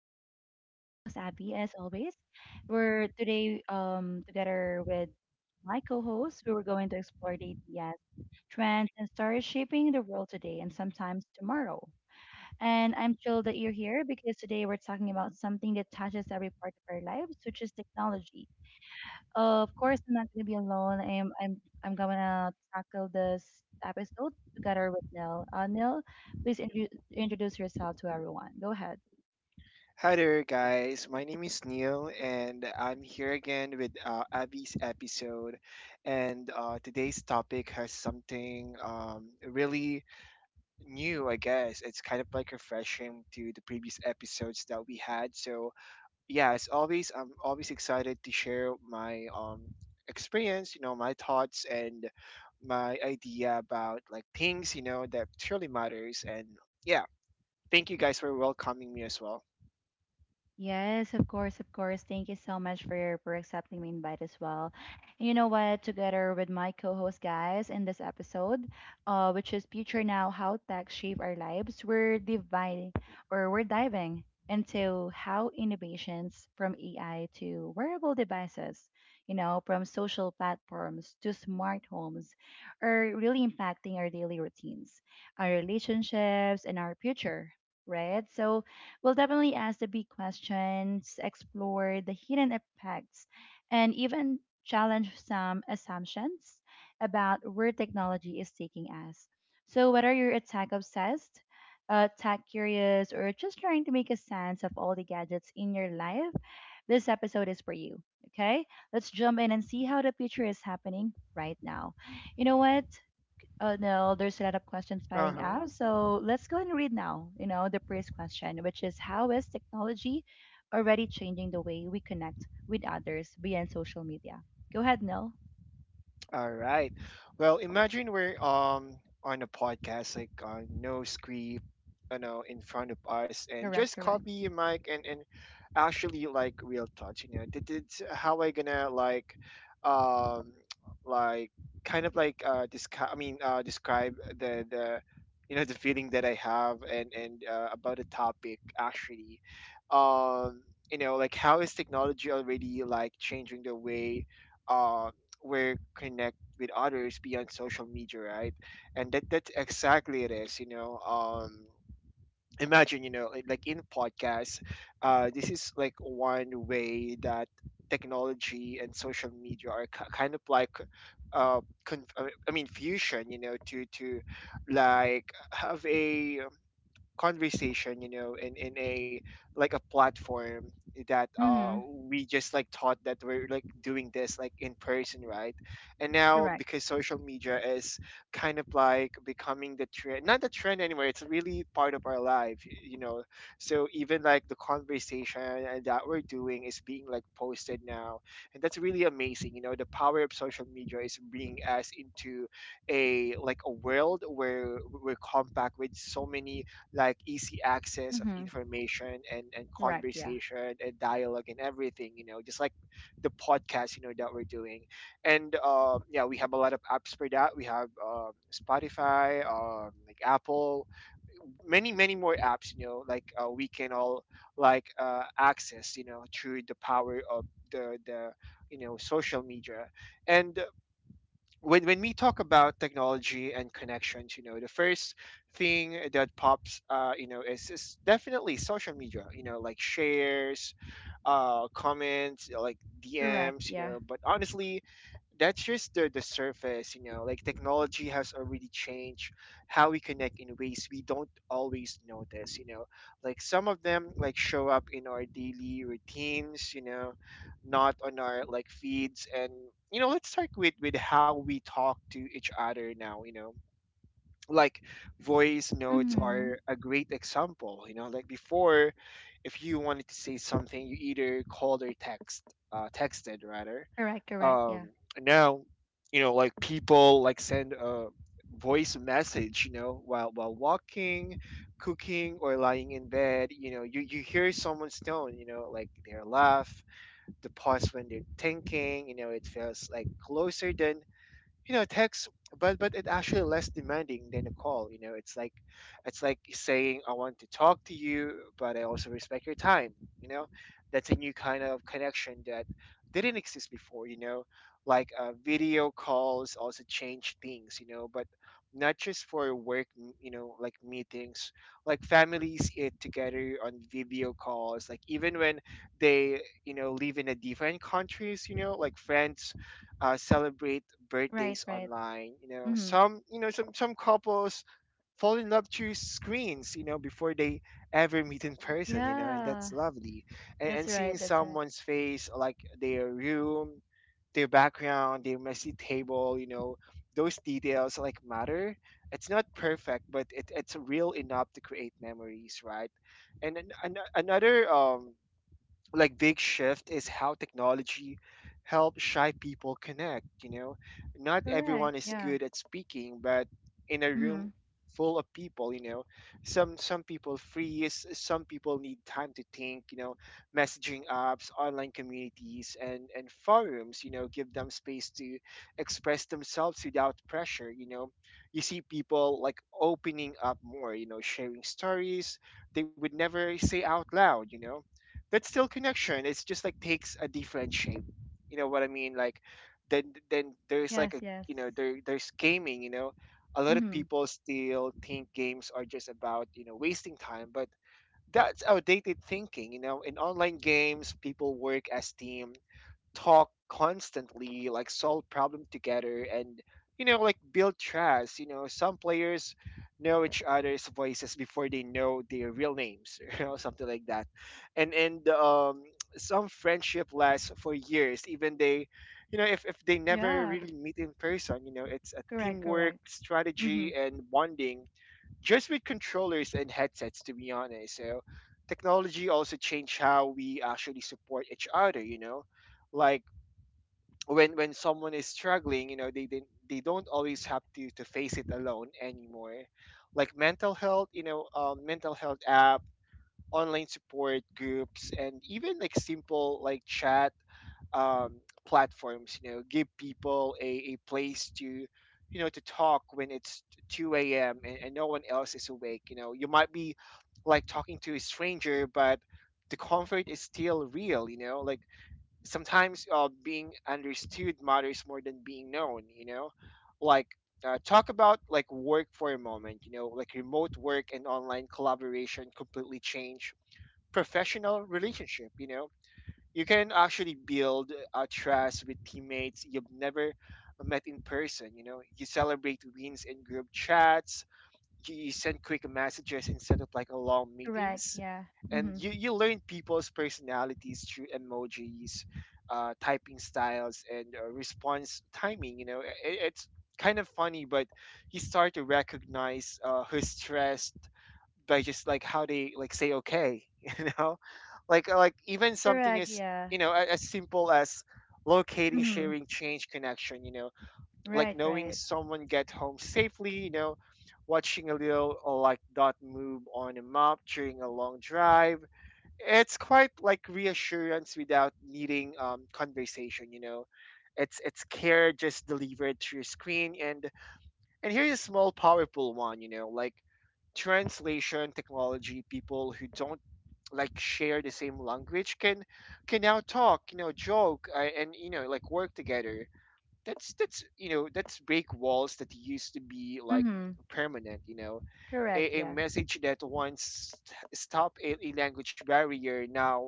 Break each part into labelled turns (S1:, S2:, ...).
S1: Vibes. This is your host, Abby, as always. We're today together with my co host. We were going to explore the ideas, trends, and stories shaping the world today and sometimes tomorrow. And I'm thrilled that you're here because today we're talking about something that touches every part of our lives, which is technology. Of course, I'm not gonna be alone. I'm gonna tackle this episode together with Nil. Nil, please introduce yourself to everyone. Go ahead.
S2: Hi there, guys. My name is Neil, and I'm here again with Abby's episode. And today's topic has something really new, I guess. It's kind of like refreshing to the previous episodes that we had. So, yeah, as always, I'm always excited to share my experience, you know, my thoughts and my idea about like things, you know, that truly matters. And yeah, thank you guys for welcoming me as well.
S1: Yes, of course, of course. Thank you so much for accepting my invite as well. And you know what? Together with my co-host guys in this episode, which is Future Now: How Tech Shape Our Lives, we're dividing or we're diving into how innovations from AI to wearable devices, you know, from social platforms to smart homes, are really impacting our daily routines, our relationships, and our future. Right. So we'll definitely ask the big questions, explore the hidden effects, and even challenge some assumptions about where technology is taking us. So, whether you're a tech obsessed, tech curious, or just trying to make a sense of all the gadgets in your life, this episode is for you. Okay, let's jump in and see how the future is happening right now. You know what? Oh no, there's a lot of questions
S2: Uh
S1: piling
S2: huh.
S1: up. So let's go and read now, you know, the first question, which is how is technology already changing the way we connect with others beyond social media? Go ahead, Nil.
S2: All right. Well, imagine we're on a podcast, like no script, you know, in front of us, and
S1: Correct,
S2: just
S1: correct.
S2: copy a mic and actually like real touch. You know, that is how I gonna um, like kind of like describe. I mean, describe the you know the feeling that I have and about the topic actually, um. You know, like how is technology already like changing the way uh, we're connect with others beyond social media, right? And that's exactly it is. You know, imagine you know like in podcasts, this is like one way that technology and social media are ki kind of like I mean fusion. You know, to like have a conversation you know in a like a platform that
S1: Mm-hmm.
S2: we just like thought that we're like doing this like in person, right? And now
S1: Correct.
S2: because social media is kind of like becoming the trend, not the trend anymore, it's really part of our life, you know. So even like the conversation and that we're doing is being like posted now, and that's really amazing. You know, the power of social media is bringing us into a like a world where we're compact with so many like easy access of
S1: Mm-hmm.
S2: information and
S1: Correct, yeah.
S2: conversation and dialogue and everything, you know, just like the podcast you know that we're doing. And um, yeah, we have a lot of apps for that. We have Spotify, um, like Apple, many many more apps, you know, like we can all like access, you know, through the power of the you know social media. And when we talk about technology and connections, you know, the first thing that pops, you know, is definitely social media. You know, like shares, comments, like
S1: Correct,
S2: DMs. You
S1: yeah.
S2: know, but honestly, that's just the surface. You know, like technology has already changed how we connect in ways we don't always notice, you know, like some of them like show up in our daily routines, you know, not on our like feeds. And you know, let's start with how we talk to each other now, you know. Like voice notes
S1: Mm-hmm.
S2: are a great example, you know. Like before, if you wanted to say something you either called or text, texted rather.
S1: Correct, correct,
S2: um
S1: yeah.
S2: now, you know, like people like send a voice message, you know, while walking, cooking, or lying in bed. You know, you hear someone's tone, you know, like their laugh, the pause when they're thinking. You know, it feels like closer than you know text, but it's actually less demanding than a call. You know, it's like saying, I want to talk to you, but I also respect your time. You know, that's a new kind of connection that didn't exist before. You know, like video calls also change things, you know, but not just for work, you know, like meetings. Like families eat together on video calls, like even when they, you know, live in a different countries. You know, like friends celebrate
S1: Right,
S2: birthdays
S1: right.
S2: online. You know,
S1: Mm-hmm.
S2: some, you know, some couples fall in love through screens. You know, before they ever meet in person. You know, and
S1: Yeah.
S2: that's lovely.
S1: That's
S2: And seeing
S1: right, that's right.
S2: someone's face, like their room, their background, their messy table. You know, those details like matter. It's not perfect, but it's real enough to create memories, right? And another like big shift is how technology helps shy people connect. You know, not
S1: Correct,
S2: everyone is
S1: yeah.
S2: good at speaking, but in a room
S1: Mm-hmm.
S2: full of people, you know, some people freeze, some people need time to think. You know, messaging apps, online communities, and forums, you know, give them space to express themselves without pressure. You know, you see people like opening up more, you know, sharing stories they would never say out loud. You know, that's still connection. It's just like takes a different shape. You know what I mean? Like then there's like
S1: Yes,
S2: a
S1: yes.
S2: you know there there's gaming. You know, a lot of
S1: Mm-hmm.
S2: people still think games are just about you know wasting time, but that's outdated thinking. You know, in online games, people work as team, talk constantly, like solve problem together, and you know, like build trust. You know, some players know each other's voices before they know their real names, you know, something like that. And some friendship lasts for years, even they, you know, if they never
S1: Yeah.
S2: really meet in person. You know, it's a
S1: Correct,
S2: teamwork,
S1: correct. Mm-hmm.
S2: strategy, and bonding just with controllers and headsets. To be honest, so technology also changed how we actually support each other. You know, like when someone is struggling, you know, they didn't, they don't always have to face it alone anymore. Like mental health, you know, mental health app, online support groups, and even like simple like chat um, platforms, you know, give people a place to you know to talk when it's 2 a.m. And no one else is awake. You know, you might be like talking to a stranger, but the comfort is still real. You know, like sometimes being understood matters more than being known. You know, like talk about like work for a moment. You know, like remote work and online collaboration completely change professional relationship. You know, you can actually build a trust with teammates you've never met in person. You know, you celebrate wins in group chats, you send quick messages instead of like a long
S1: Correct,
S2: meetings,
S1: yeah.
S2: and
S1: Mm-hmm.
S2: you learn people's personalities through emojis, typing styles, and response timing. You know, it's kind of funny, but you start to recognize who's stressed by just like how they like say okay, you know, like even something
S1: Correct,
S2: as
S1: yeah.
S2: you know as simple as locating
S1: Mm-hmm. Mhm.
S2: sharing change connection. You know, like
S1: Right,
S2: knowing
S1: right.
S2: someone get home safely, you know, watching a little like dot move on a map during a long drive. It's quite like reassurance without needing conversation, you know. It's care just delivered to your screen. And here's a small powerful one, you know, like translation technology. People who don't like share the same language can now talk, you know, joke, and you know like work together. That's you know that's break walls that used to be like
S1: Mhm.
S2: permanent. You know,
S1: Correct,
S2: a
S1: yeah.
S2: message that once stopped a language barrier now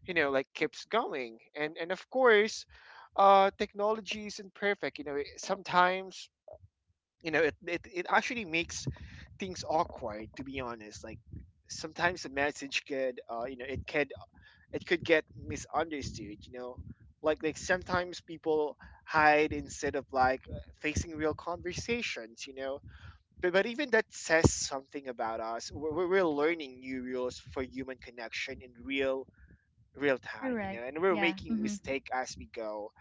S2: you know like keeps going. And of course, technology isn't perfect. You know, sometimes, you know, it actually makes things awkward, to be honest. Like sometimes a message could you know it could get misunderstood. You know, like sometimes people hide instead of like facing real conversations. You know, but even that says something about us. We're learning new rules for human connection in real time. You
S1: Correct.
S2: know, and we're
S1: Yeah. Mm.
S2: making
S1: Mhm.
S2: mistake as we go.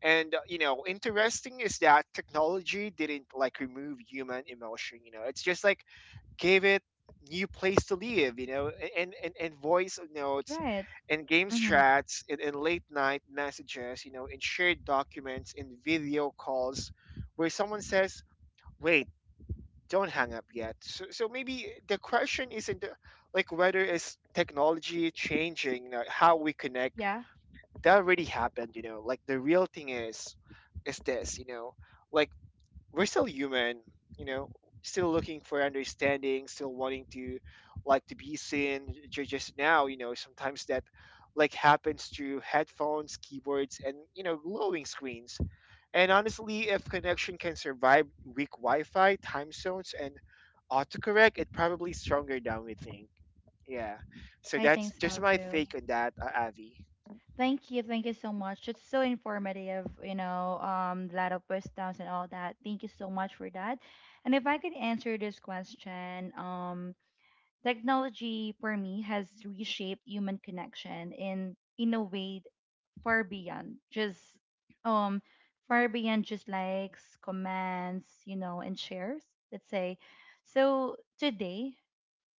S2: And you know interesting is that technology didn't like remove human emotion. You know, it's just like gave it new place to live. You know, and voice notes
S1: Right.
S2: and game
S1: Mhm.
S2: chats and late night messages, you know, and shared documents and video calls where someone says, wait, don't hang up yet. So, so maybe the question isn't like whether is technology changing how we connect.
S1: Yeah.
S2: That already happened, you know. Like the real thing is this, you know, like we're still human, you know, still looking for understanding, still wanting to like to be seen. Just now, you know, sometimes that like happens through headphones, keyboards, and you know, glowing screens. And honestly, if connection can survive weak Wi-Fi, time zones, and autocorrect, it probably stronger than we think. Yeah. So
S1: I think
S2: that's
S1: so
S2: just my
S1: too.
S2: take on that, Avi.
S1: Thank you. Thank you so much. It's so informative, you know, a lot of wisdoms and all that. Thank you so much for that. And if I could answer this question, technology for me has reshaped human connection in a way far beyond just um far beyond just likes, comments, you know, and shares, let's say. So today,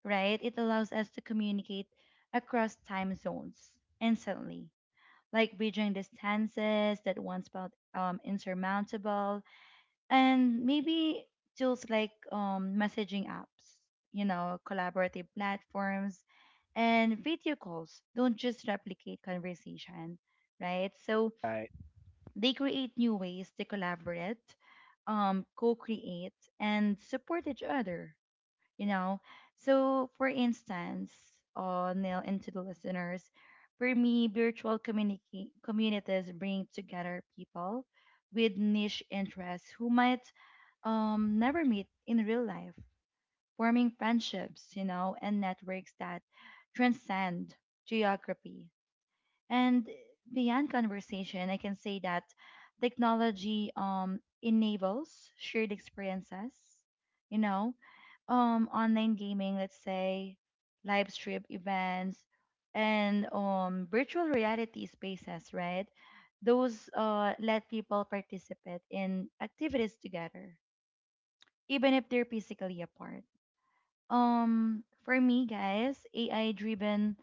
S1: right, it allows us to communicate across time zones instantly, like bridging distances that once felt insurmountable, and maybe tools like messaging apps, you know, collaborative platforms, and video calls don't just replicate conversation, right? So
S2: Right,
S1: they create new ways to collaborate, co-create, and support each other. You know, so for instance, Neil and to the listeners, for me, virtual community communities bring together people with niche interests who might never meet in real life, forming friendships, you know, and networks that transcend geography. And beyond conversation, I can say that technology enables shared experiences, you know, online gaming, let's say, live stream events, and virtual reality spaces, right? Those let people participate in activities together, even if they're physically apart. For me, guys, AI driven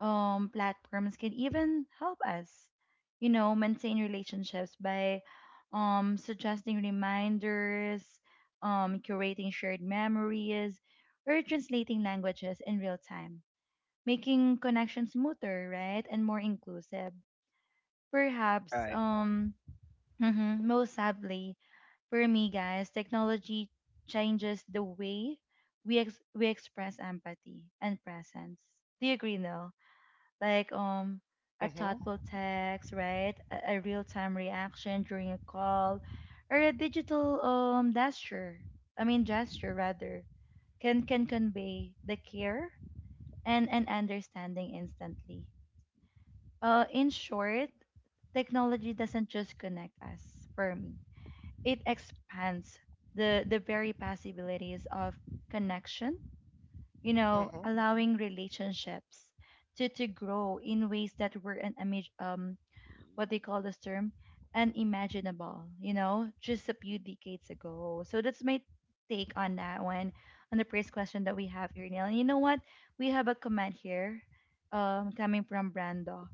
S1: platforms can even help us you know maintain relationships by suggesting reminders, curating shared memories or translating languages in real time, making connections smoother, right, and more inclusive perhaps.
S2: right.
S1: Mhm, Most sadly for me, guys, technology changes the way we express empathy and presence. Do you agree? No Like, a
S2: Mhm.
S1: thoughtful text, right? A real-time reaction during a call, or a digital gesture. I mean gesture rather, can convey the care and understanding instantly. In short, technology doesn't just connect us. For me, it expands the very possibilities of connection. You know,
S2: Mhm.
S1: allowing relationships to grow in ways that were an image
S2: Mm.
S1: what they call this term, unimaginable, you know, just a few decades ago. So that's my take on that one, on the first question that we have here, Neil. And you know what? We have a comment here coming from Brando.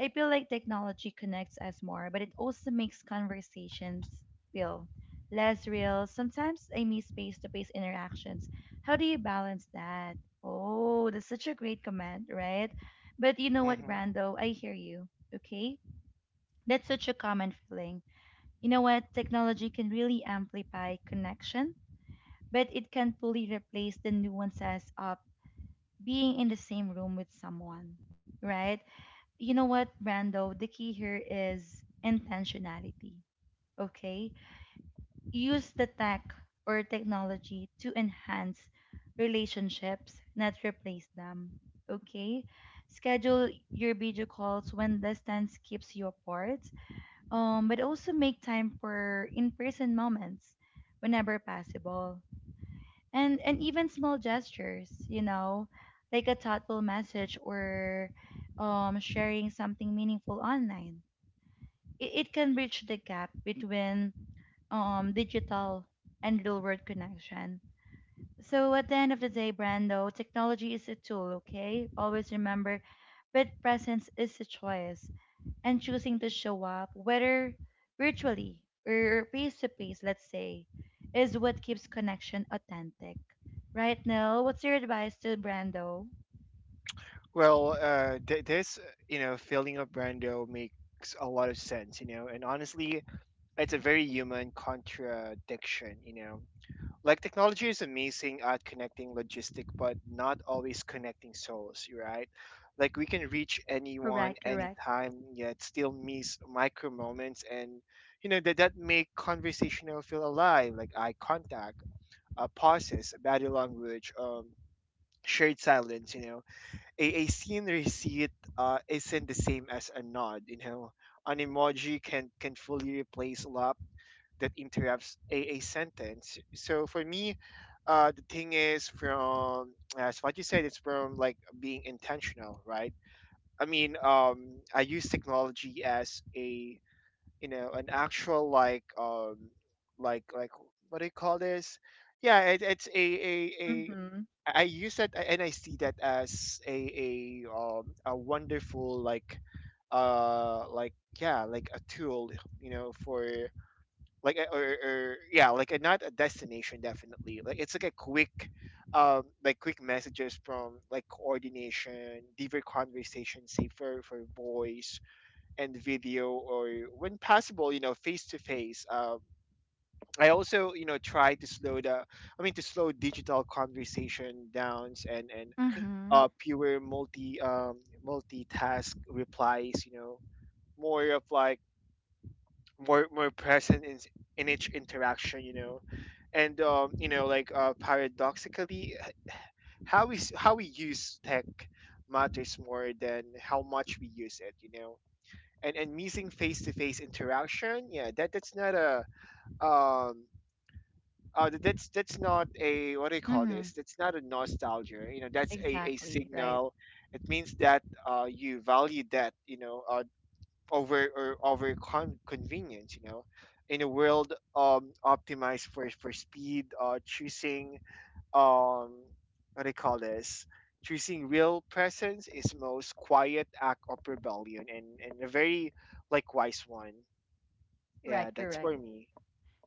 S1: I feel like technology connects us more, but it also makes conversations feel less real. Sometimes I miss face to face interactions. How do you balance that? Oh, that's such a great comment, right? But you know what,
S2: Mhm.
S1: Brando? I hear you. Okay, that's such a common feeling. You know what? Technology can really amplify connection, but it can't fully replace the nuances of being in the same room with someone, right? You know what, Brando? The key here is intentionality, okay? Use the tech or technology to enhance relationships, not replace them, okay? Schedule your video calls when distance keeps you apart, but also make time for in-person moments whenever possible. And even small gestures, you know, like a thoughtful message or sharing something meaningful online. It can bridge the gap between digital and real-world connection. So at the end of the day, Brando, technology is a tool, okay? Always remember, but presence is a choice, and choosing to show up, whether virtually or face to face, let's say, is what keeps connection authentic. Right now, what's your advice to Brando?
S2: Well, this, you know, feeling of Brando makes a lot of sense, you know, and honestly, it's a very human contradiction, you know. Like, technology is amazing at connecting logistic, but not always connecting souls, right? Like, we can reach anyone
S1: Correct, correct.
S2: anytime, yet still miss micro moments, that make conversational feel alive, like eye contact, pauses, body language, shared silence. A seen receipt isn't the same as a nod, you know. An emoji can fully replace a lap that interrupts a sentence. So for me, the thing is from as what you said, it's from like being intentional, right? I mean, I use technology as a you know an actual like like like what do you call this? Yeah, it's a
S1: Mm-hmm.
S2: I use that and I see that as a wonderful like uh like yeah like a tool you know for like or yeah like a, not a destination definitely like it's like a quick like quick messages from like coordination deeper conversation say for voice and video or when possible you know face to face I also, you know, try to slow the, I mean, to slow digital conversation downs and and
S1: Mm-hmm.
S2: uh, pure multitask replies. You know, more of like more present in each interaction. You know, and paradoxically, how we use tech matters more than how much we use it. You know. And missing face-to-face interaction, yeah, that that's not a um that's not a what do you call
S1: Mm-hmm.
S2: this? That's not a nostalgia. You know, that's a
S1: Exactly. Right.
S2: signal. It means that you value that you know over or over convenience. You know, in a world optimized for speed, choosing um, what do you call this? Choosing real presence is most quiet act of rebellion and a very likewise one.
S1: You're right.
S2: Yeah, that's
S1: Correct.
S2: for me.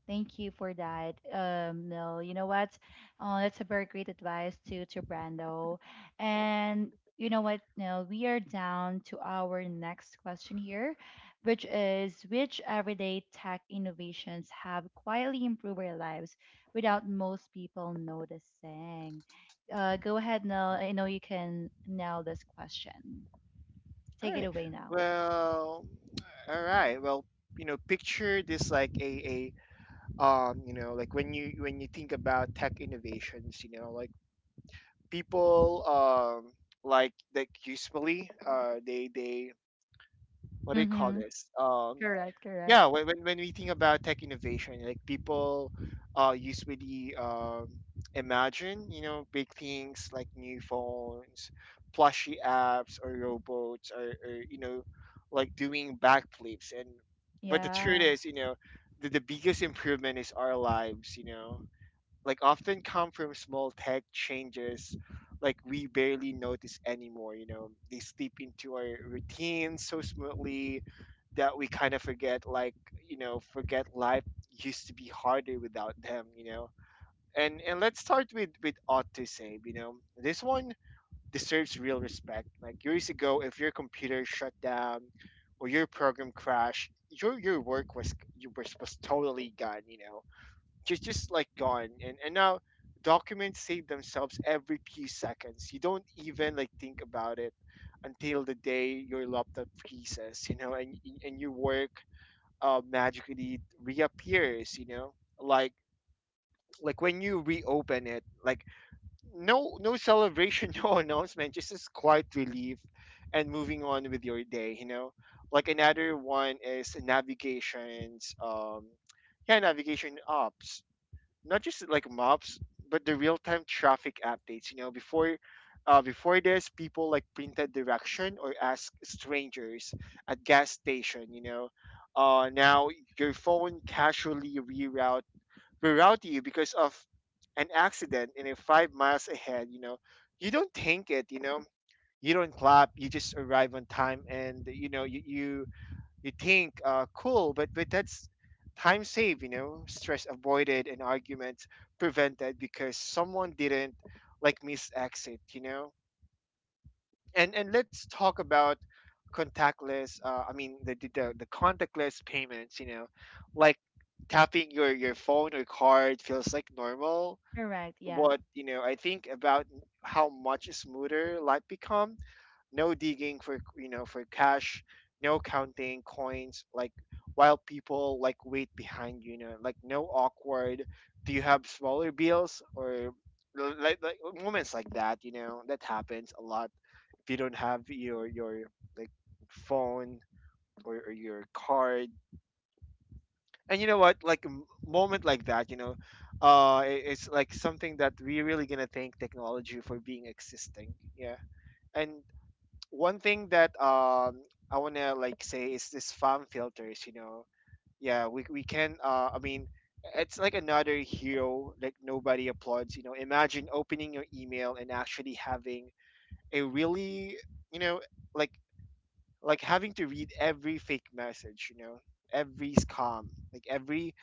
S1: Thank you for that. No, you know what? That's a very great advice to Brando. And you know what? No, we are down to our next question here, which is which everyday tech innovations have quietly improved our lives without most people noticing? Go ahead, Nell. I know you can nail this question.
S2: All
S1: Take it
S2: right.
S1: away now.
S2: Well, all right. Well, you know, picture this like a you know, like when you think about tech innovations, you know, like people usually they what do you call
S1: Mm-hmm.
S2: this?
S1: Correct, correct.
S2: Yeah when we think about tech innovation like people usually imagine you know big things like new phones plushy apps or robots or you know like doing backflips and but the truth
S1: Yeah.
S2: is you know the biggest improvement is our lives you know like often come from small tech changes like we barely notice anymore you know they sleep into our routines so smoothly that we kind of forget like you know forget life used to be harder without them you know and let's start with autosave you know this one deserves real respect like years ago if your computer shut down or your program crashed your work was was totally gone you know just like gone and now documents save themselves every few seconds you don't even like think about it until the day your laptop freezes you know and your work magically reappears you know like like when you reopen it like no no celebration no announcement just this quiet relief and moving on with your day you know like another one is navigations yeah navigation apps not just like maps, but the real time traffic updates. You know, before before this, people like printed direction or ask strangers at gas station. You know, now your phone casually reroute you because of an accident in a 5 miles ahead. You know, you don't think it. You know, you don't clap. You just arrive on time, and you know you think cool, but that's time saved, you know, stress avoided and arguments prevented because someone didn't like miss exit, you know. And let's talk about contactless. I mean the contactless payments, you know, like tapping your phone or card feels like normal.
S1: Correct. Yeah.
S2: But you know, I think about how much smoother life become no digging for you know for cash no counting coins like while people like wait behind you, you know like no awkward do you have smaller bills or like moments like that you know that happens a lot if you don't have your like phone or your card and you know what like moment like that you know it's like something that we really gonna thank technology for being existing yeah and one thing that I wanna like say is this spam filters. You know, yeah, we can. I mean, it's like another hero like nobody applauds. You know, imagine opening your email and actually having a really you know like like having to read every fake message, you know, every scam, like every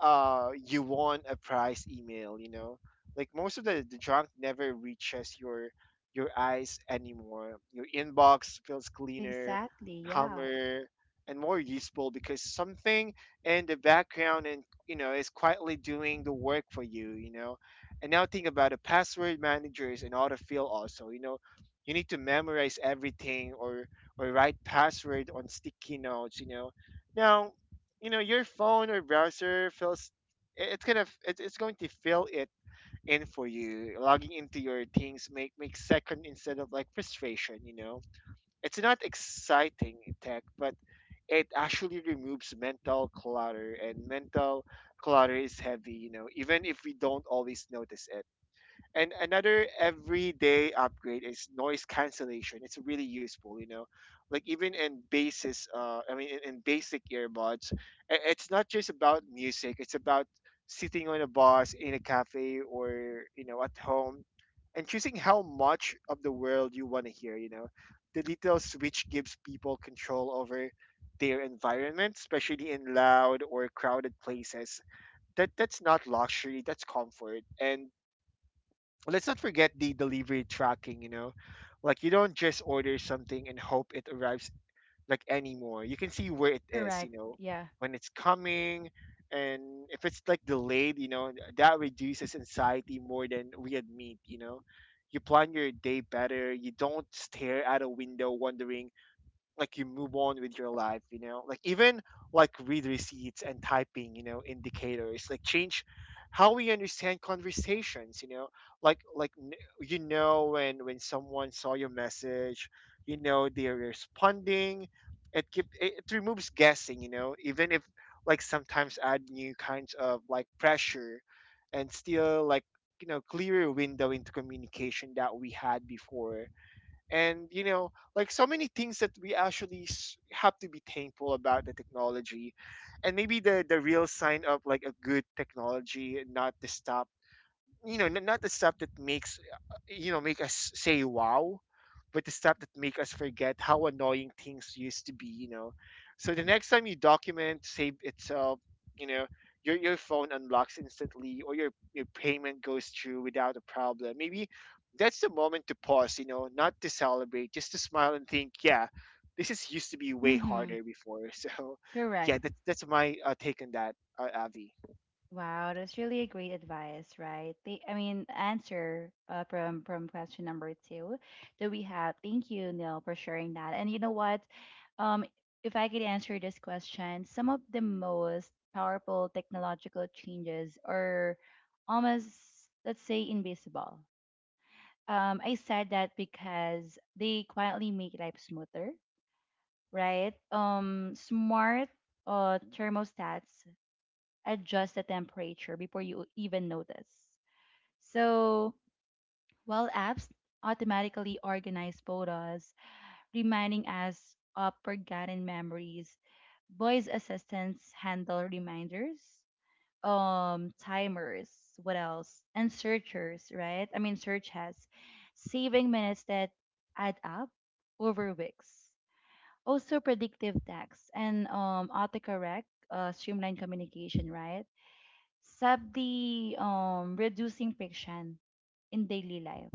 S2: you won a prize email, you know. Like most of the junk never reaches your eyes anymore. Your inbox feels cleaner,
S1: Exactly. Yeah.
S2: calmer, and more useful because something in the background and you know is quietly doing the work for you, you know. And now think about the password managers and autofill also, you know. You need to memorize everything or write password on sticky notes, you know. Now, you know, your phone or browser fills it's going to fill it in for you. Logging into your things make second instead of like frustration, you know. It's not exciting tech, but it actually removes mental clutter and mental clutter is heavy, you know, even if we don't always notice it. And another everyday upgrade is noise cancellation. It's really useful, you know. Like even in I mean, in basic earbuds, it's not just about music. It's about sitting on a bus in a cafe or you know at home and choosing how much of the world you want to hear. You know, the little switch gives people control over their environment, especially in loud or crowded places. That that's not luxury. That's comfort and let's not forget the delivery tracking, you know? Like you don't just order something and hope it arrives like anymore. You can see where it is, you
S1: Correct.
S2: know,
S1: Yeah.
S2: when it's coming and if it's like delayed, you know, that reduces anxiety more than we admit, you know. You plan your day better, you don't stare at a window wondering like you move on with your life you know like even like read receipts and typing you know indicators like change how we understand conversations you know like you know when someone saw your message you know they're responding it it removes guessing you know even if like sometimes add new kinds of like pressure and still like you know clearer window into communication that we had before and you know like so many things that we actually have to be thankful about the technology and maybe the real sign of like a good technology not the stop you know not the stuff that makes you know make us say wow but the stuff that make us forget how annoying things used to be you know so the next time you document save itself you know your phone unlocks instantly or your payment goes through without a problem maybe that's the moment to pause you know not to celebrate just to smile and think yeah this is used to be way
S1: Mm-hmm.
S2: harder before so
S1: Correct.
S2: yeah that's my take on that avi.
S1: Wow, that's really a great advice, right? The, I mean, answer from question number two that we have. Thank you, Neil, for sharing that. And you know what? Um, if I could answer this question, some of the most powerful technological changes are almost, let's say, invisible. I said that because they quietly make life smoother, right? Smart thermostats adjust the temperature before you even notice. So, while apps automatically organize photos, reminding us of forgotten memories, voice assistants handle reminders, timers, what else, and searchers, right? I mean, search has saving minutes that add up over weeks. Also, predictive text and autocorrect, streamline communication, right? Solve the reducing friction in daily life.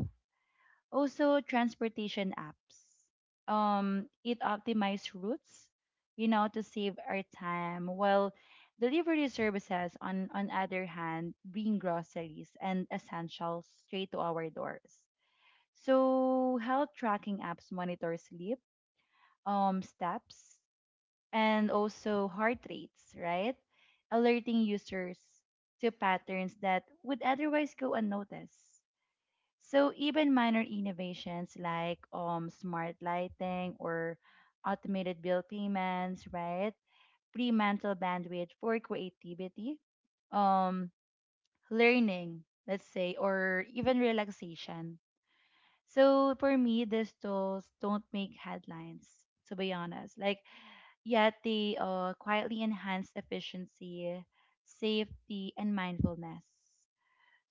S1: Also, transportation apps. It optimizes routes, you know, to save our time. While delivery services, on other hand, bring groceries and essentials straight to our doors. So, health tracking apps monitor sleep, steps, and also heart rates, right? Alerting users to patterns that would otherwise go unnoticed. So even minor innovations like smart lighting or automated bill payments, right? Pre-mental bandwidth for creativity, um learning, let's say, or even relaxation. So for me, these tools don't make headlines, to be honest. Like yet they quietly enhance efficiency, safety, and mindfulness.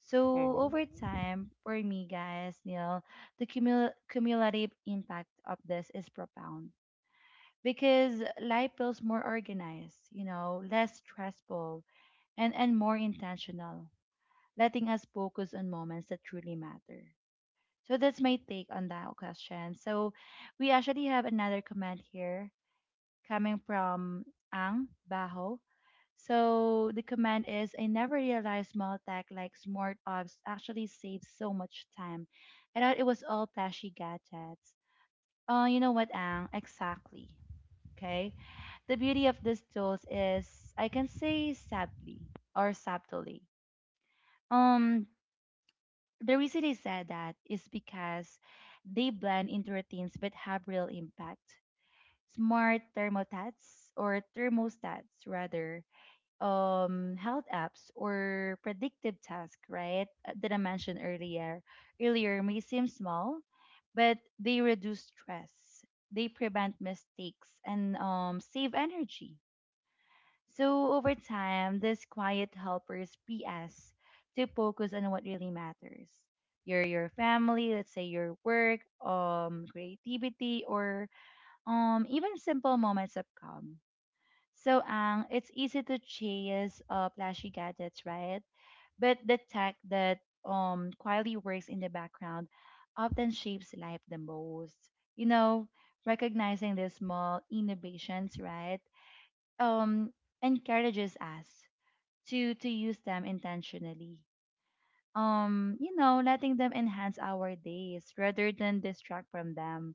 S1: So
S2: Mm-hmm.
S1: over time, for me guys, Neil, the cumulative impact of this is profound because life feels more organized, you know, less stressful and more intentional, letting us focus on moments that truly matter. So that's my take on that question. So we actually have another comment here coming from Ang Baho. So the command is I never realized small tech like smart ops actually saves so much time. I thought it was all flashy gadgets. Oh, you know what, Ang? Exactly. Okay. The beauty of these tools is I can say sadly or subtly. Um, the reason I said that is because they blend into routines but have real impact. Smart thermostats or thermostats rather, health apps or predictive tasks, right? That I mentioned earlier. Earlier may seem small, but they reduce stress, they prevent mistakes, and save energy. So over time, these quiet helpers PS to focus on what really matters. Your family, let's say your work, creativity, or even simple moments of calm. So, Ang, it's easy to chase flashy gadgets, right? But the tech that quietly works in the background often shapes life the most. You know, recognizing the small innovations, right? Um, Encourages us to use them intentionally. You know, letting them enhance our days rather than distract from them.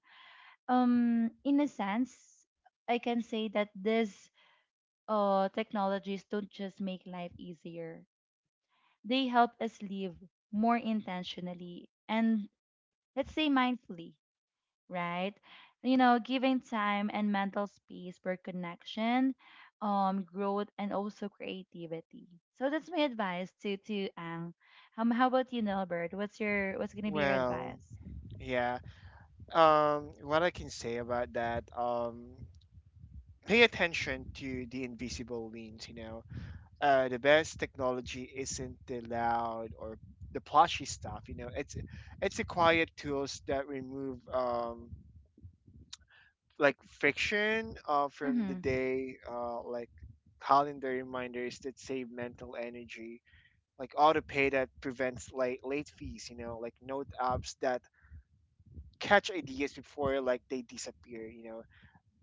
S1: In a sense, I can say that this technologies don't just make life easier, they help us live more intentionally and, let's say, mindfully, right? You know, giving time and mental space for connection, growth, and also creativity. So that's my advice to Ang. How about you, Nelbert? What's your what's gonna be your
S2: Well,
S1: advice?
S2: yeah. What I can say about that, pay attention to the invisible means, you know. The best technology isn't the loud or the plushy stuff, you know. It's the quiet tools that remove like friction from the
S1: Mm-hmm.
S2: day, like calendar reminders that save mental energy, like autopay that prevents late fees, you know, like note apps that catch ideas before like they disappear, you know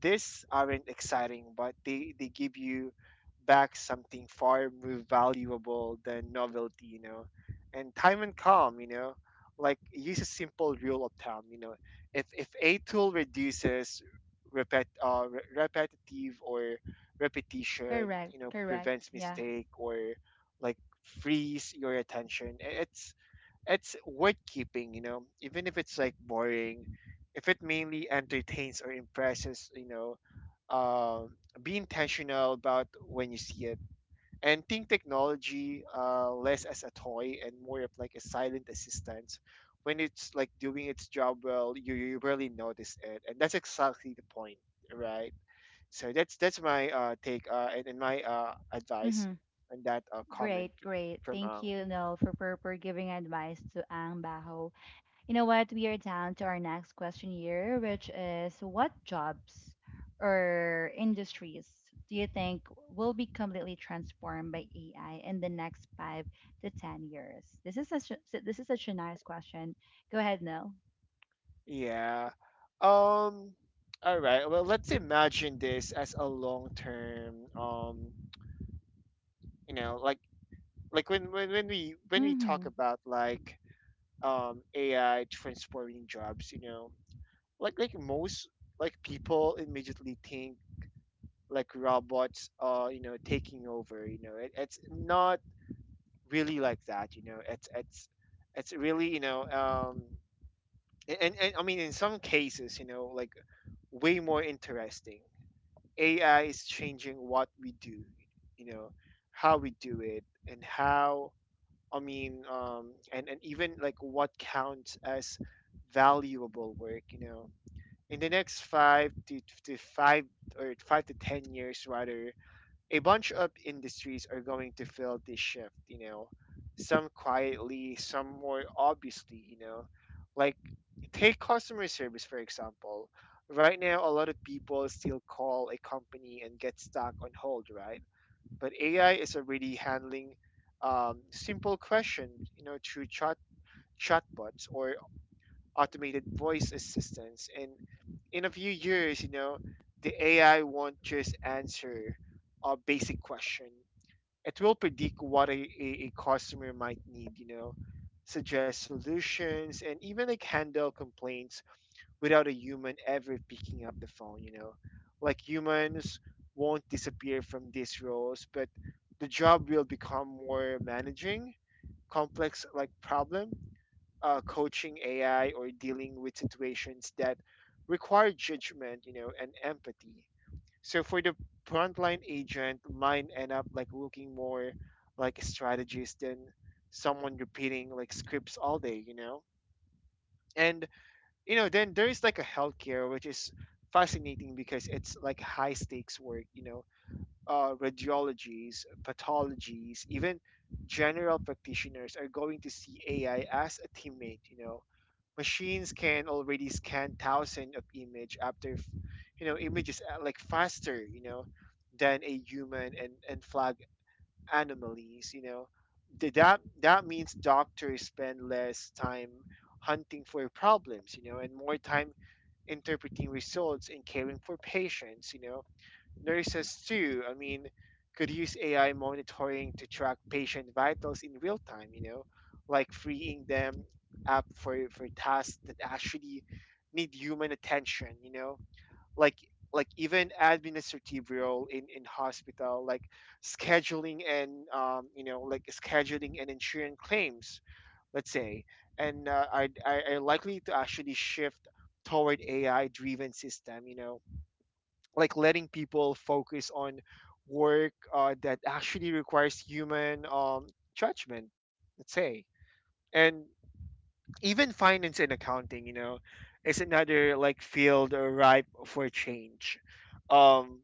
S2: these aren't exciting, but they give you back something far more valuable than novelty, you know. And time and calm, you know, like use a simple rule of thumb, you know. If a tool reduces repetitive or repetition,
S1: Correct,
S2: you know,
S1: correct.
S2: prevents
S1: Yeah.
S2: mistake or like frees your attention, it's worth keeping, you know, even if it's like boring, if it mainly entertains or impresses, you know, um, be intentional about when you see it and think technology less as a toy and more of like a silent assistant. When it's like doing its job well, you really notice it, and that's exactly the point, right? So that's my take and my advice
S1: Mm-hmm.
S2: on that comment
S1: Great, great.
S2: from
S1: Thank
S2: Ang.
S1: you, Nel, for, for giving advice to Ang Baho. You know what? We are down to our next question here, which is what jobs or industries do you think will be completely transformed by AI in the next 5 to 10 years? This is such a nice question. Go ahead, Nell.
S2: Yeah. Um, all right. Well, let's imagine this as a long-term, like when we
S1: Mm-hmm.
S2: talk about like AI transforming jobs, like most like people immediately think like robots are, taking over. It's not really like that. It's really, and I mean in some cases, like way more interesting AI is changing what we do, you know, how we do it, and how I mean, and even like what counts as valuable work. In the next 5 or 5 to 10 years, rather, a bunch of industries are going to feel this shift, some quietly, some more obviously. Like, take customer service, for example. Right now, a lot of people still call a company and get stuck on hold, right? But AI is already handling simple questions, through chatbots or automated voice assistants. And in a few years, the AI won't just answer a basic question it will predict what a customer might need, suggest solutions and even like handle complaints without a human ever picking up the phone. Like humans won't disappear from these roles, but the job will become more managing, complex like problem, coaching AI or dealing with situations that require judgment, and empathy so for the frontline agent, mine end up like looking more like a strategist than someone repeating like scripts all day. And then there is like a healthcare which is fascinating because it's like high stakes work. Radiologies, pathologies, even general practitioners are going to see AI as a teammate, machines can already scan thousands of images like faster than a human and flag anomalies that means doctors spend less time hunting for problems and more time interpreting results and caring for patients Nurses, too, I mean, could use AI monitoring to track patient vitals in real time, like freeing them up for tasks that actually need human attention, like like even administrative role in hospital, like scheduling and like scheduling and insurance claims, let's say, and I are likely to actually shift toward AI driven system, like letting people focus on work that actually requires human judgment let's say and even finance and accounting is another like field ripe for change um,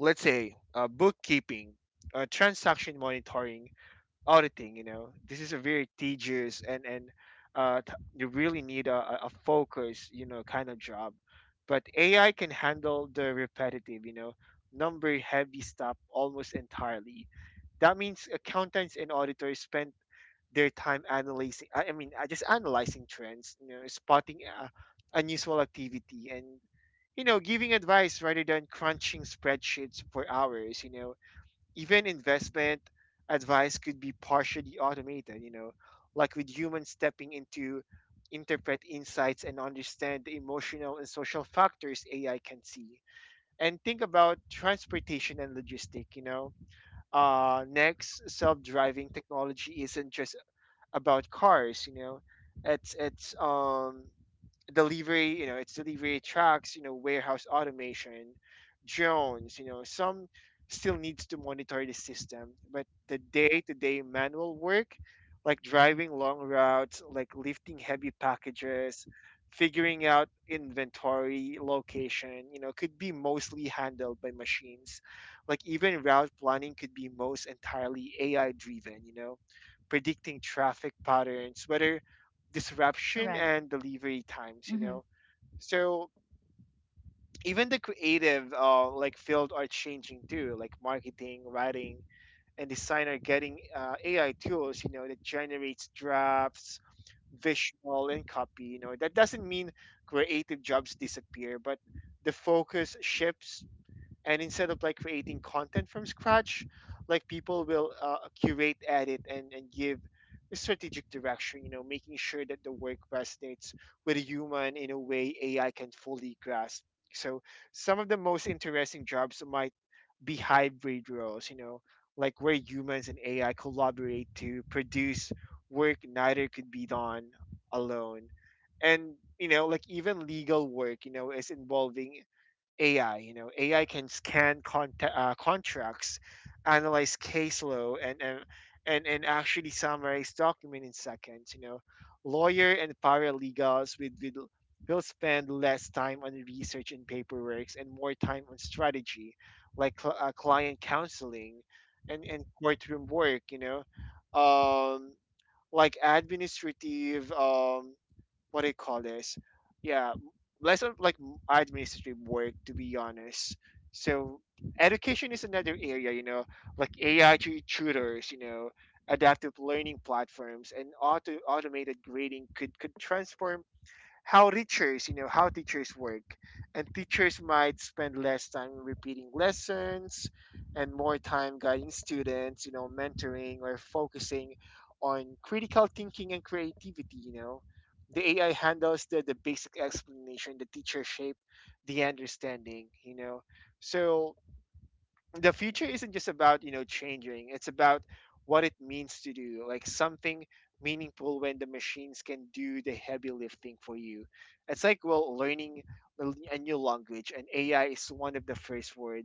S2: let's say bookkeeping transaction monitoring auditing this is a very tedious and you really need a focus kind of job but AI can handle the repetitive number heavy stuff almost entirely that means accountants and auditors spend their time analyzing just analyzing trends spotting unusual activity and giving advice rather than crunching spreadsheets for hours even investment advice could be partially automated, like with humans stepping into interpret insights and understand the emotional and social factors AI can see. And think about transportation and logistic, next, self-driving technology isn't just about cars, it's delivery, it's delivery trucks, warehouse automation, drones, some still needs to monitor the system, but the day-to-day manual work, like driving long routes, like lifting heavy packages, figuring out inventory location, could be mostly handled by machines. Like even route planning could be most entirely AI driven, predicting traffic patterns, whether disruption
S1: Correct.
S2: and delivery times
S1: Mm-hmm.
S2: so even the creative like field are changing too like marketing writing and design are getting AI tools that generates drafts visual and copy that doesn't mean creative jobs disappear but the focus shifts and instead of like creating content from scratch like people will curate edit and give a strategic direction making sure that the work resonates with a human in a way AI can fully grasp so some of the most interesting jobs might be hybrid roles like where humans and AI collaborate to produce work neither could be done alone and like even legal work is involving AI. AI can scan contracts, analyze case law, and actually summarize document in seconds. Lawyer and paralegals with will spend less time on research and paperwork and more time on strategy, like client counseling, and courtroom work. Um, like administrative. What do you call this? Yeah, less of like administrative work to be honest. So education is another area, like AI tutors, adaptive learning platforms, and automated grading could transform how teachers, how teachers work. And teachers might spend less time repeating lessons and more time guiding students, mentoring or focusing on critical thinking and creativity, The AI handles the basic explanation, the teacher shape, the understanding, So the future isn't just about changing. It's about what it means to do like something meaningful when the machines can do the heavy lifting for you. It's like well learning a a new language and AI is one of the first word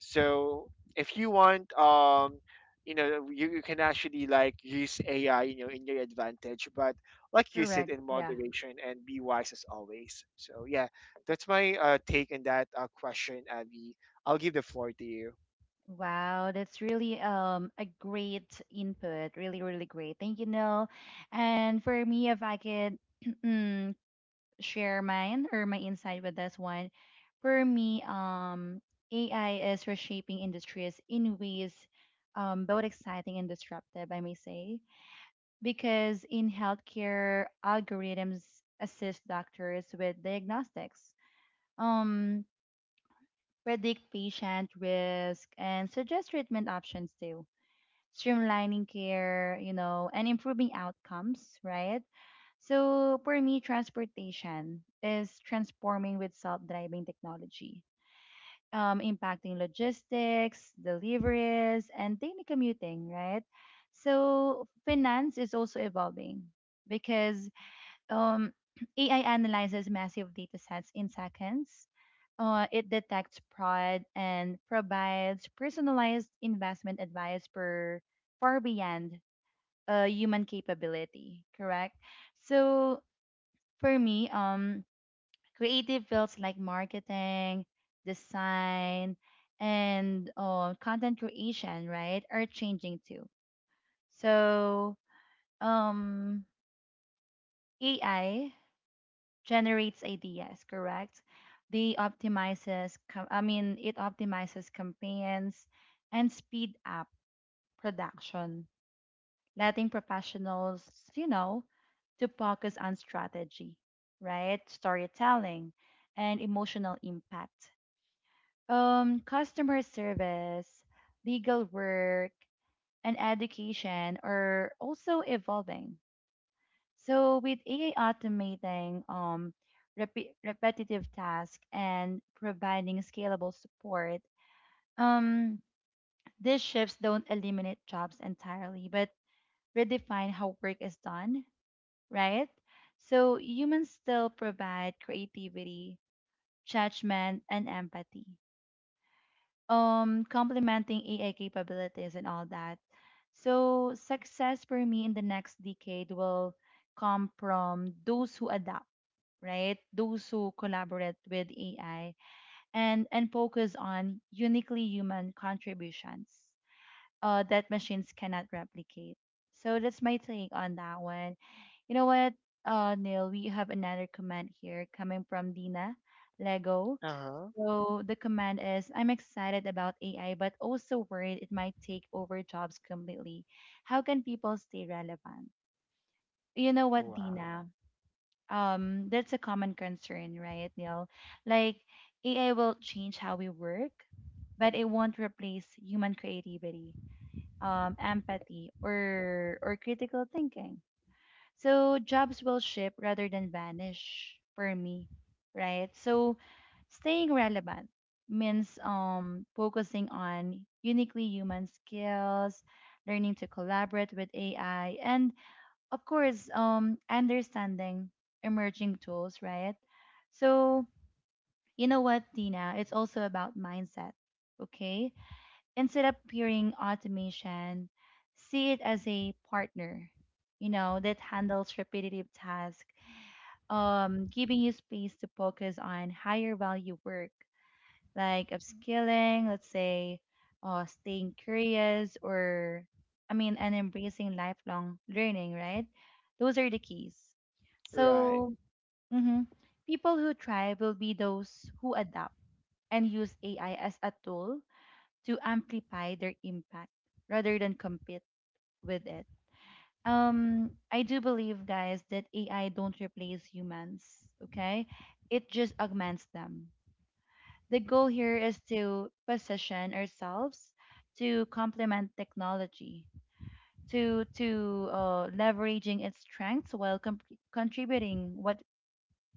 S2: so if you want you can actually like use AI in your advantage but like use it
S1: Correct.
S2: in
S1: Yeah.
S2: moderation and be wise as always so yeah that's my take on that question Abby I'll give the floor to you.
S1: Wow, that's really a great input. Really, really great. Thank you, Nell. And for me, if I could share mine or my insight with this one. For me, AI is reshaping industries in ways both exciting and disruptive, I may say, because in healthcare, algorithms assist doctors with diagnostics, um, predict patient risk, and suggest treatment options too, streamlining care, you know, and improving outcomes, right? So for me, transportation is transforming with self-driving technology, impacting logistics, deliveries, and daily commuting, right? So finance is also evolving because um, AI analyzes massive data sets in seconds. It detects fraud and provides personalized investment advice per far beyond human capability, correct? So for me, creative fields like marketing, design, and content creation, right, are changing too. So, um, AI generates ideas, correct? They optimizes, I mean, it optimizes campaigns and speed up production. Letting professionals, you know, to focus on strategy, right? Storytelling and emotional impact. Customer service, legal work, and education are also evolving. So with AI automating repetitive tasks and providing scalable support, um, these shifts don't eliminate jobs entirely, but redefine how work is done, right? So humans still provide creativity, judgment, and empathy, complementing AI capabilities and all that. So success for me in the next decade will come from those who adapt, right? Those who collaborate with AI and focus on uniquely human contributions that machines cannot replicate. So that's my take on that one. You know what, Neil, we have another comment here coming from Dina Lego.
S2: Uh-huh.
S1: So the comment is, I'm excited about AI, but also worried it might take over jobs completely. How can people stay relevant? You know what,
S2: Wow.
S1: Dina? That's a common concern, right, Neil? Like AI will change how we work, but it won't replace human creativity, empathy, or critical thinking, so jobs will shift rather than vanish for me, right? So staying relevant means focusing on uniquely human skills, learning to collaborate with AI, and of course, understanding emerging tools, right? So you know what, Tina, it's also about mindset. Okay, instead of peering automation, see it as a partner, you know, that handles repetitive tasks, giving you space to focus on higher value work, like upskilling, let's say, staying curious, or I mean, and embracing lifelong learning, right? Those are the keys.
S2: Right.
S1: So, mhm, people who thrive will be those who adapt and use AI as a tool to amplify their impact rather than compete with it. I do believe, guys, that AI don't replace humans. Okay, it just augments them. The goal here is to position ourselves to complement technology, to leveraging its strengths while contributing what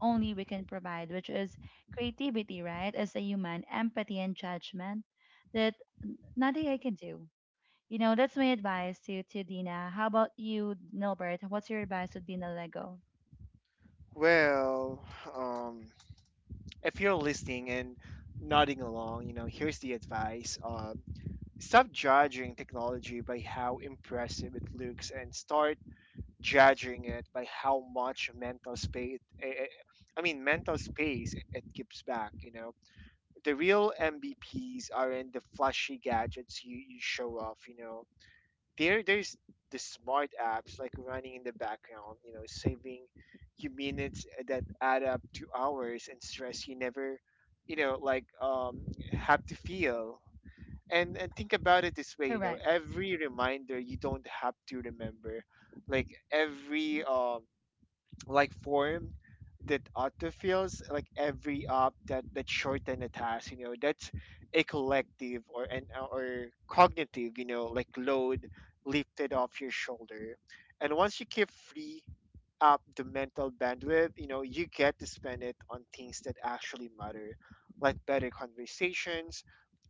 S1: only we can provide, which is creativity, right? As a human, empathy and judgment that nothing I can do. You know, that's my advice to Dina. How about you, Nilbert? What's your advice to Dina Lego?
S2: Well, um, if you're listening and nodding along, here's the advice. Stop judging technology by how impressive it looks and start judging it by how much mental space, mental space it gives back, The real MVPs aren't the flashy gadgets you show off, There's the smart apps like running in the background saving you minutes that add up to hours and stress you never like have to feel and think about it this way
S1: Correct.
S2: every reminder you don't have to remember like every like form that autofills like every op that shorten the task that's a collective or an or cognitive like load lifted off your shoulder and once you keep free up the mental bandwidth you get to spend it on things that actually matter like better conversations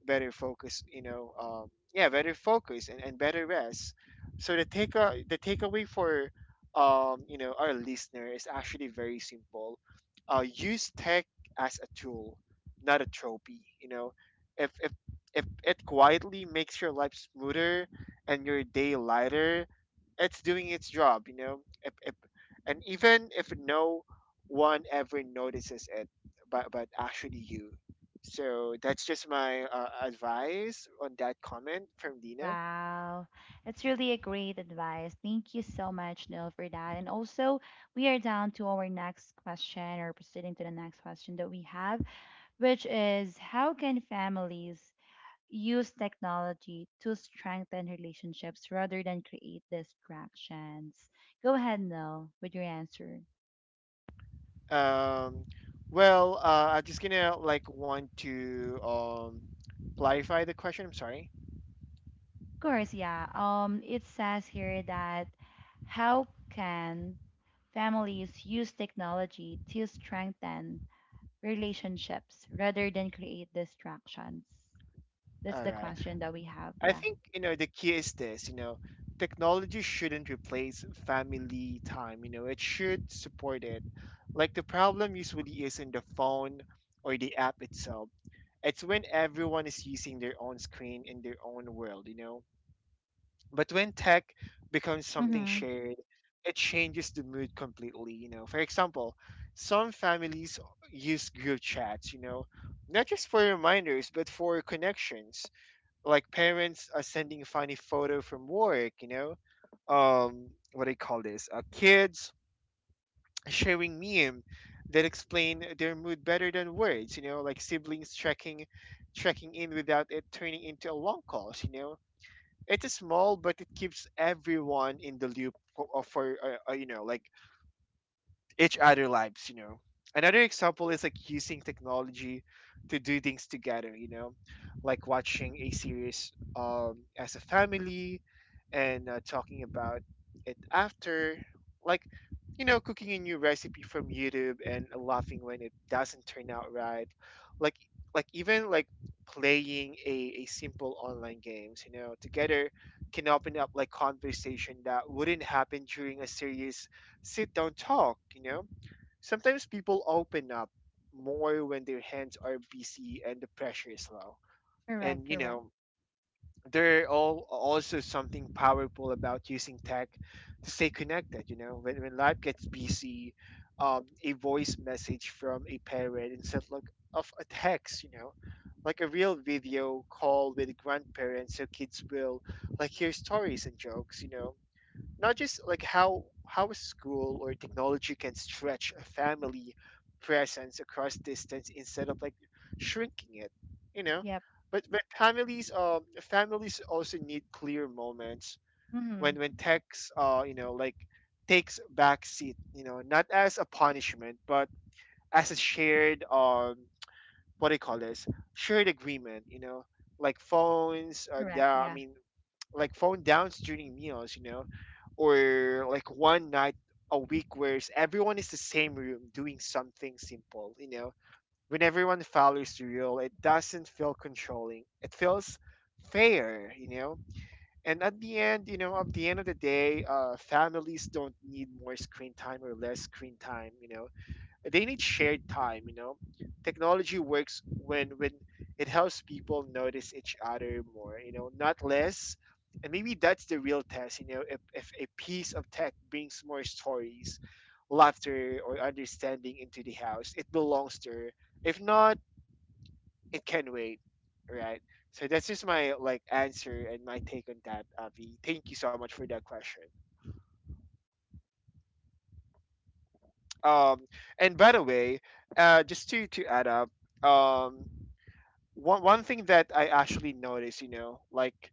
S2: better focus yeah better focus and better rest so the takeaway for our listener is actually very simple. Use tech as a tool, not a trophy. If if if it quietly makes your life smoother and your day lighter, it's doing its job. You know, if, and even if no one ever notices it, but actually you. So that's just my advice on that comment from Dina.
S1: Wow. That's really a great advice. Thank you so much, Neil, for that. And also, we are down to our next question, or proceeding to the next question that we have, which is how can families use technology to strengthen relationships rather than create distractions? Go ahead, Neil, with your answer.
S2: Um, well, I'm just gonna like want to clarify the question. I'm sorry.
S1: Course, yeah. It says here that how can families use technology to strengthen relationships rather than create distractions? That's
S2: All
S1: the
S2: right.
S1: question that we have.
S2: I
S1: Yeah.
S2: think you know the key is this. Technology shouldn't replace family time. It should support it. Like the problem usually is in the phone or the app itself. It's when everyone is using their own screen in their own world. But when tech becomes something
S1: Mm-hmm.
S2: shared, it changes the mood completely. For example, some families use group chats, not just for reminders, but for connections. Like parents are sending funny photo from work, what do you call this? Kids sharing meme that explain their mood better than words, like siblings checking in without it turning into a long call, it's small, but it keeps everyone in the loop for like each other lives. Another example is like using technology to do things together like watching a series as a family and talking about it after like cooking a new recipe from YouTube and laughing when it doesn't turn out right like like even playing a simple online games together can open up like conversation that wouldn't happen during a serious sit down, talk, Sometimes people open up more when their hands are busy and the pressure is low.
S1: Correct.
S2: And,
S1: Correct.
S2: there are all also something powerful about using tech to stay connected, When life gets busy, a voice message from a parent instead like, of a text, Like a real video call with grandparents so kids will like hear stories and jokes, Not just like how a school or technology can stretch a family presence across distance instead of like shrinking it, you know.
S1: Yep.
S2: But families also need clear moments
S1: Mm-hmm.
S2: when techs, you know, like, takes back seat, you know, not as a punishment but as a shared, what do you call this, shared agreement, you know. Like phones
S1: Correct.
S2: down I
S1: Yeah.
S2: mean like phone downs during meals, you know, or like one night a week where everyone is the same room doing something simple, you know. When everyone follows the rule, it doesn't feel controlling, it feels fair, you know. And at the end, you know, at the end of the day, families don't need more screen time or less screen time, you know, they need shared time, you know. Technology works when it helps people notice each other more, you know, not less. And maybe that's the real test, you know, if a piece of tech brings more stories, laughter or understanding into the house, it belongs there. If not, it can wait, right? So that's just my like answer and my take on that, Avi, thank you so much for that question. um and by the way, just to add up, um one thing that I actually noticed, you know, like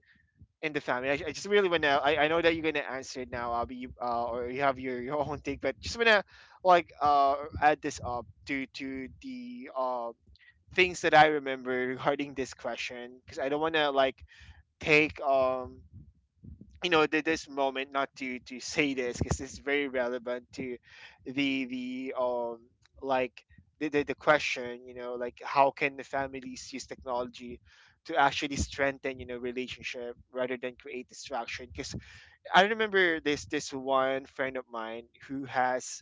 S2: in the family, I just really want to. I know that you're gonna answer it now, Abby, or you have your own take, but just wanna like add this up to the things that I remember regarding this question, because I don't wanna like take, you know, this moment, not to to say this, because it's very relevant to the the um like the question, you know, like how can the families use technology to actually strengthen, you know, relationship rather than create distraction, because I remember this one friend of mine who has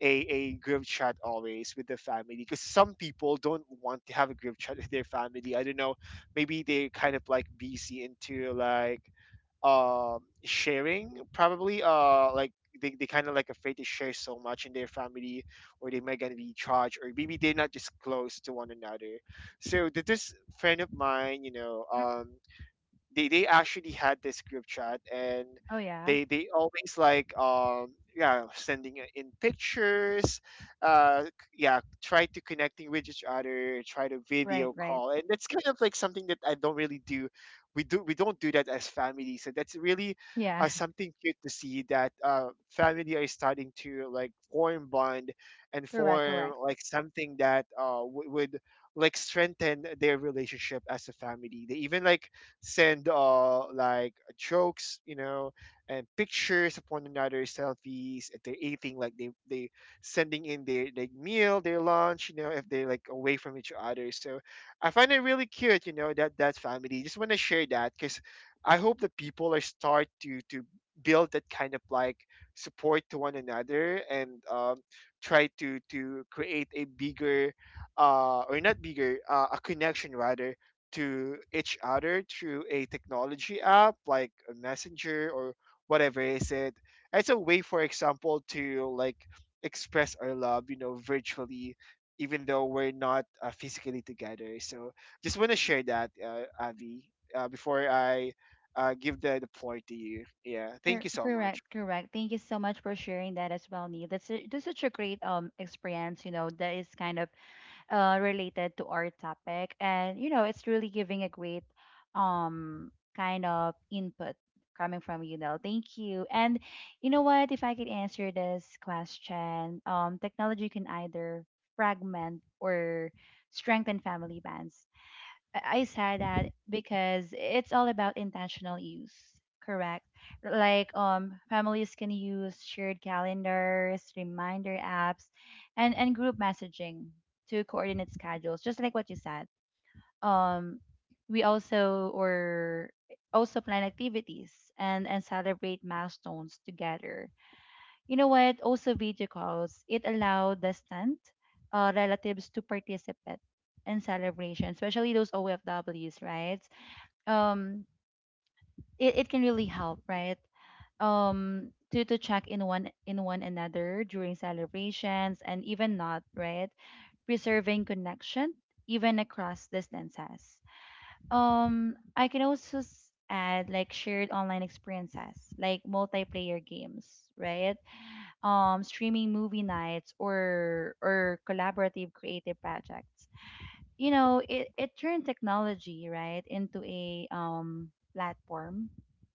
S2: a group chat always with the family, because some people don't want to have a group chat with their family, I don't know, maybe they kind of like busy into like sharing probably, like they kind of like afraid to share so much in their family, or they might gonna be charged, or maybe they're not just close to one another. So this friend of mine, you know,
S1: Mm.
S2: they actually had this group chat, and
S1: Oh, yeah.
S2: they always like, yeah, sending in pictures, uh c- yeah, try to connecting with each other, try to
S1: Right.
S2: video
S1: Right.
S2: call, and that's kind of like something that I don't really do. We don't do that as family, so that's really,
S1: Yeah.
S2: something cute to see, that family are starting to like form bond, and
S1: Correct.
S2: form
S1: Correct.
S2: like something that would like strengthen their relationship as a family. They even like send, like jokes, you know, and pictures of one another, selfies. If they're eating, like they sending in their meal, their lunch, you know, if they're like away from each other. So I find it really cute, you know, that that family. Just want to share that, because I hope that people are start to build that kind of like support to one another, and try to create a bigger, or not bigger, a connection rather to each other through a technology app like a messenger or whatever is it. It's a way, for example, to like express our love, you know, virtually, even though we're not, physically together. So just want to share that, Avi, before I give the floor to you. Yeah, thank you so
S1: Correct,
S2: much.
S1: correct. Thank you so much for sharing that as well, Neil. That's such a great experience, you know, that is kind of related to our topic. And, you know, it's really giving a great um, kind of input coming from you, Nell. Thank you. And you know what? If I could answer this question, technology can either fragment or strengthen family bonds. I said that because it's all about intentional use, correct? Like families can use shared calendars, reminder apps, and group messaging to coordinate schedules, just like what you said. Um we also, or also, plan activities and celebrate milestones together, you know what? Also, video calls. It allowed distant relatives to participate in celebration, especially those OFWs, right? Um, it can really help, right? To check in one another during celebrations and even not, right, preserving connection even across distances. I can also add, like, shared online experiences like multiplayer games, right. Streaming movie nights or collaborative creative projects, you know. It turned technology, right, into a platform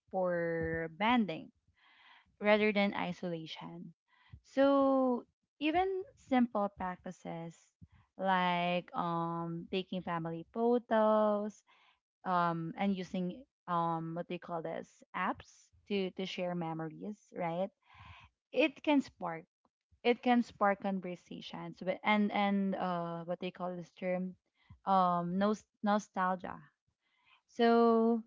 S1: for banding rather than isolation. So even simple practices like taking family photos and using, what do you call this, apps to share memories, right. it can spark it can spark conversations, but and what they call this term, nostalgia. So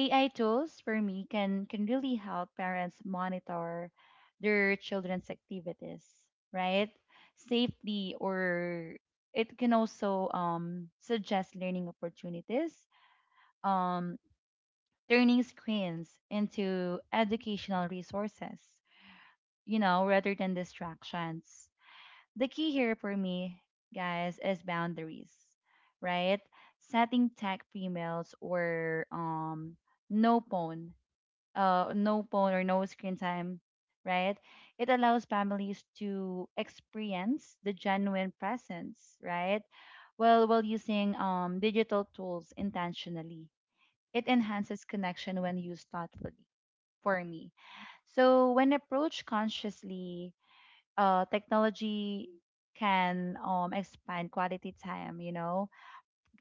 S1: AI tools for me can really help parents monitor their children's activities, right, safely, or it can also suggest learning opportunities, um turning screens into educational resources, you know, rather than distractions. The key here for me, guys, is boundaries, right? Setting tech females, or no phone, no phone, or no screen time, right? It allows families to experience the genuine presence, right? Well, while using digital tools intentionally, it enhances connection when used thoughtfully. For me, so when approached consciously, technology can expand quality time, you know,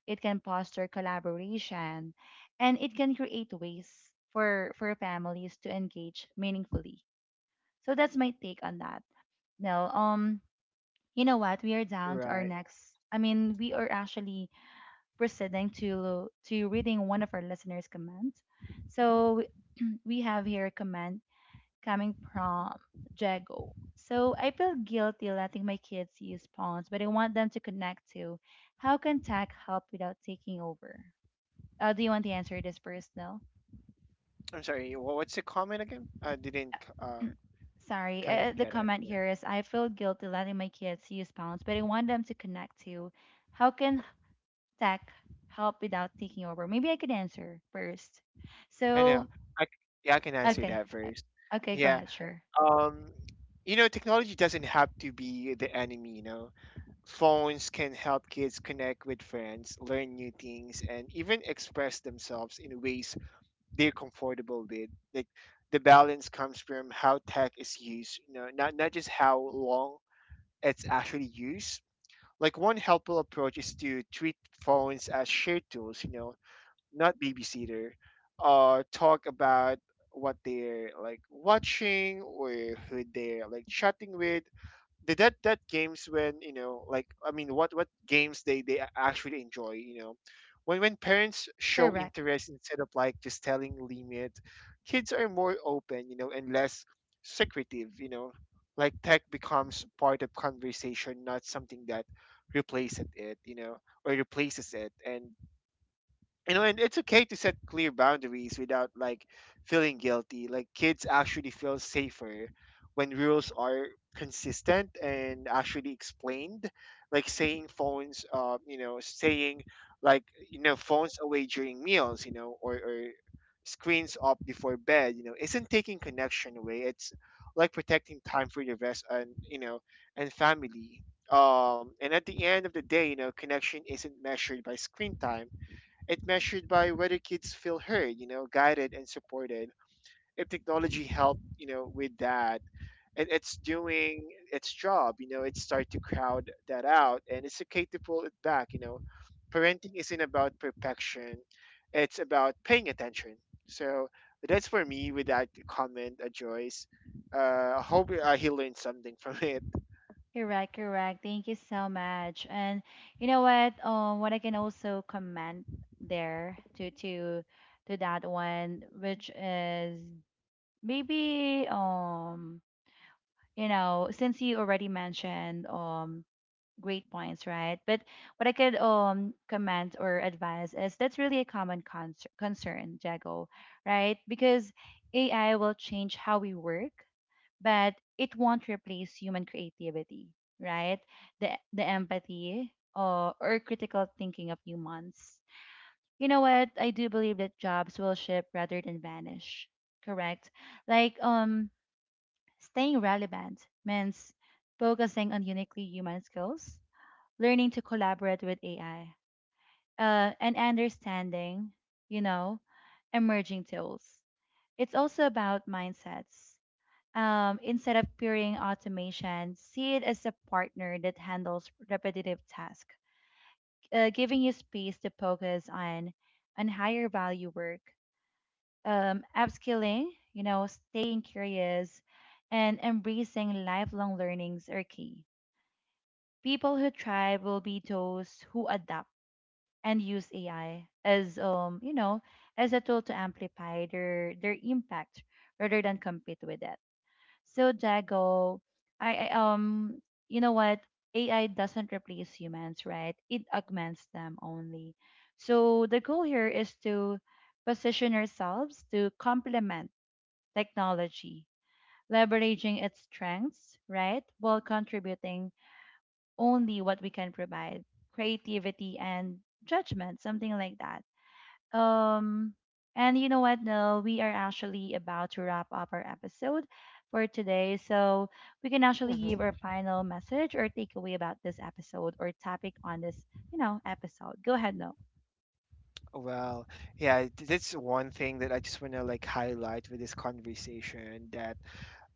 S1: it can foster collaboration, and it can create ways for families to engage meaningfully. So that's my take on that. Now, you know what? We are down to our
S2: Right.
S1: next. I mean, we are actually proceeding to reading one of our listeners' comments. So we have here a comment coming from Jago. So I feel guilty letting my kids use phones, but I want them to connect to. How can tech help without taking over? Do you want to answer this first, though?
S2: I'm sorry, what's the comment again, I didn't,
S1: Sorry,
S2: kind of
S1: the
S2: get it,
S1: comment
S2: yeah.
S1: here is, I feel guilty letting my kids use phones, but I want them to connect to. How can tech help without taking over? Maybe I could answer first.
S2: I know,
S1: So,
S2: i c- yeah, I can answer
S1: okay.
S2: that
S1: uh,
S2: first.
S1: Okay, go
S2: Yeah.
S1: ahead. Sure.
S2: um you know, technology doesn't have to be the enemy, you know, phones can help kids connect with friends, learn new things, and even express themselves in ways they're comfortable with. Like, the balance comes from how tech is used, you know, not just how long it's actually used. Like, one helpful approach is to treat phones as shared tools, you know, not babysitter. Talk about what they're like watching, or who they're like chatting with. The that that games when, you know, like I mean, what games they actually enjoy, you know. when parents show
S1: Correct.
S2: interest instead of like just telling limit, kids are more open, you know, and less secretive, you know. Like, tech becomes part of conversation, not something that replaces it, you know, or replaces it. And you know, and it's okay to set clear boundaries without like feeling guilty. Like, kids actually feel safer when rules are consistent and actually explained, like saying phones, you know, saying like, you know, phones away during meals, you know, or screens off before bed, you know, isn't taking connection away, it's like protecting time for your rest, and you know, and family. And at the end of the day, you know, connection isn't measured by screen time, it measured by whether kids feel heard, you know, guided and supported. If technology helped, you know, with that, and it's doing its job, you know, it start to crowd that out, and it's okay to pull it back, you know. Parenting isn't about perfection; it's about paying attention. So that's for me with that comment, Joyce. I hope he learned something from it.
S1: Correct, correct. Thank you so much. And you know what? What I can also comment there to that one, which is, maybe, you know, since you already mentioned great points, right? But what I could comment or advise is, that's really a common concern, Jago, right? Because AI will change how we work, but it won't replace human creativity, right? The empathy or critical thinking of humans. You know what? I do believe that jobs will shift rather than vanish. Correct? Like, staying relevant means focusing on uniquely human skills, learning to collaborate with AI, and understanding, you know, emerging tools. It's also about mindsets. Instead of peering automation, see it as a partner that handles repetitive tasks, giving you space to focus on higher value work, upskilling, you know, staying curious, and embracing lifelong learnings are key. People who thrive will be those who adapt and use AI as, you know, as a tool to amplify their impact rather than compete with it. So Jago, I you know what, AI doesn't replace humans, right? It augments them only. So the goal here is to position ourselves to complement technology, leveraging its strengths, right, while contributing only what we can provide, creativity and judgment, something like that. Um, and you know what, Nell? We are actually about to wrap up our episode for today. So we can actually give
S2: Hmm.
S1: our final message or takeaway about this episode or topic on this, you know, episode. Go ahead, Nell.
S2: Well, yeah, that's one thing that I just want to like highlight with this conversation, that,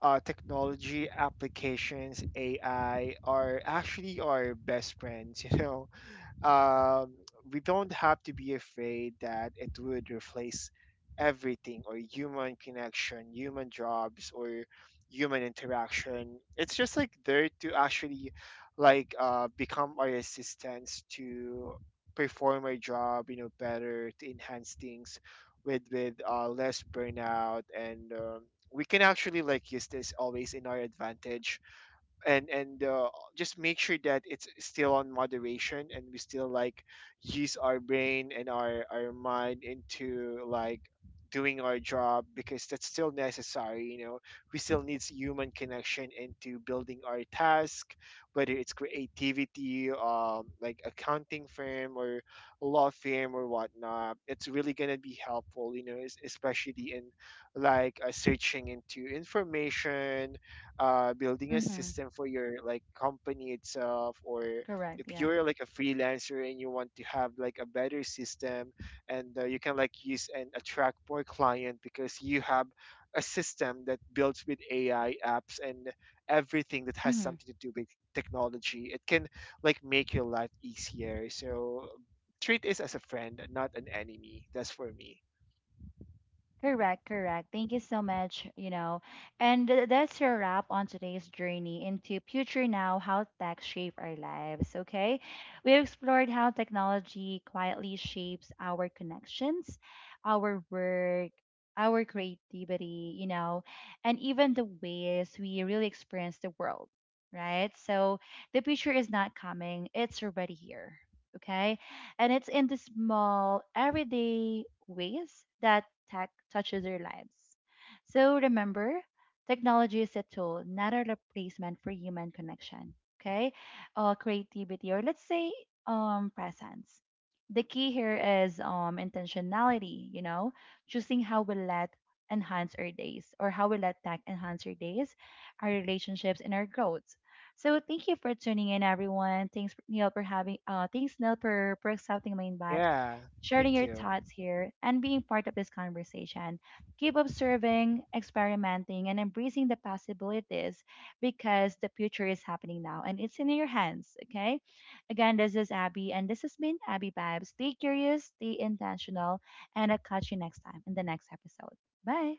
S2: technology applications, AI are actually our best friends. You know, um, we don't have to be afraid that it would replace everything, or human connection, human jobs, or human interaction. It's just like there to actually like, become our assistants to perform our job, you know, better, to enhance things with, less burnout and. We can actually like use this always in our advantage, and just make sure that it's still on moderation, and we still like use our brain and our mind into like doing our job, because that's still necessary, you know, we still needs human connection into building our task, whether it's creativity, like accounting firm or law firm or whatnot. It's really gonna be helpful, you know, especially in like, searching into information, building a
S1: Mm-hmm.
S2: system for your like company itself, or
S1: Correct.
S2: if
S1: Yeah.
S2: you're like a freelancer and you want to have like a better system, and, you can like use and attract more client, because you have a system that builds with AI apps, and everything that has
S1: Mm-hmm.
S2: something to do with technology, it can like make your life easier. So treat it as a friend, not an enemy, that's for me.
S1: Correct, correct. Thank you so much, you know. And that's your wrap on today's journey into future now, how tech shape our lives, okay? We explored how technology quietly shapes our connections, our work, our creativity, you know, and even the ways we really experience the world, right? So the future is not coming, it's already here. Okay, and it's in the small, everyday ways that tech touches our lives. So remember, technology is a tool, not a replacement for human connection, okay? Or creativity, or let's say presence. The key here is intentionality, you know, choosing how we let enhance our days, or how we let tech enhance our days, our relationships, and our growth. So thank you for tuning in, everyone. Thanks, Neil, for having. Thanks, Neil, for accepting my invite,
S2: Yeah,
S1: sharing
S2: thank
S1: your
S2: you.
S1: thoughts here, and being part of this conversation. Keep observing, experimenting, and embracing the possibilities, because the future is happening now, and it's in your hands. Okay. Again, this is Abby, and this has been Abby Vibes. Stay curious, stay intentional, and I'll catch you next time in the next episode. Bye.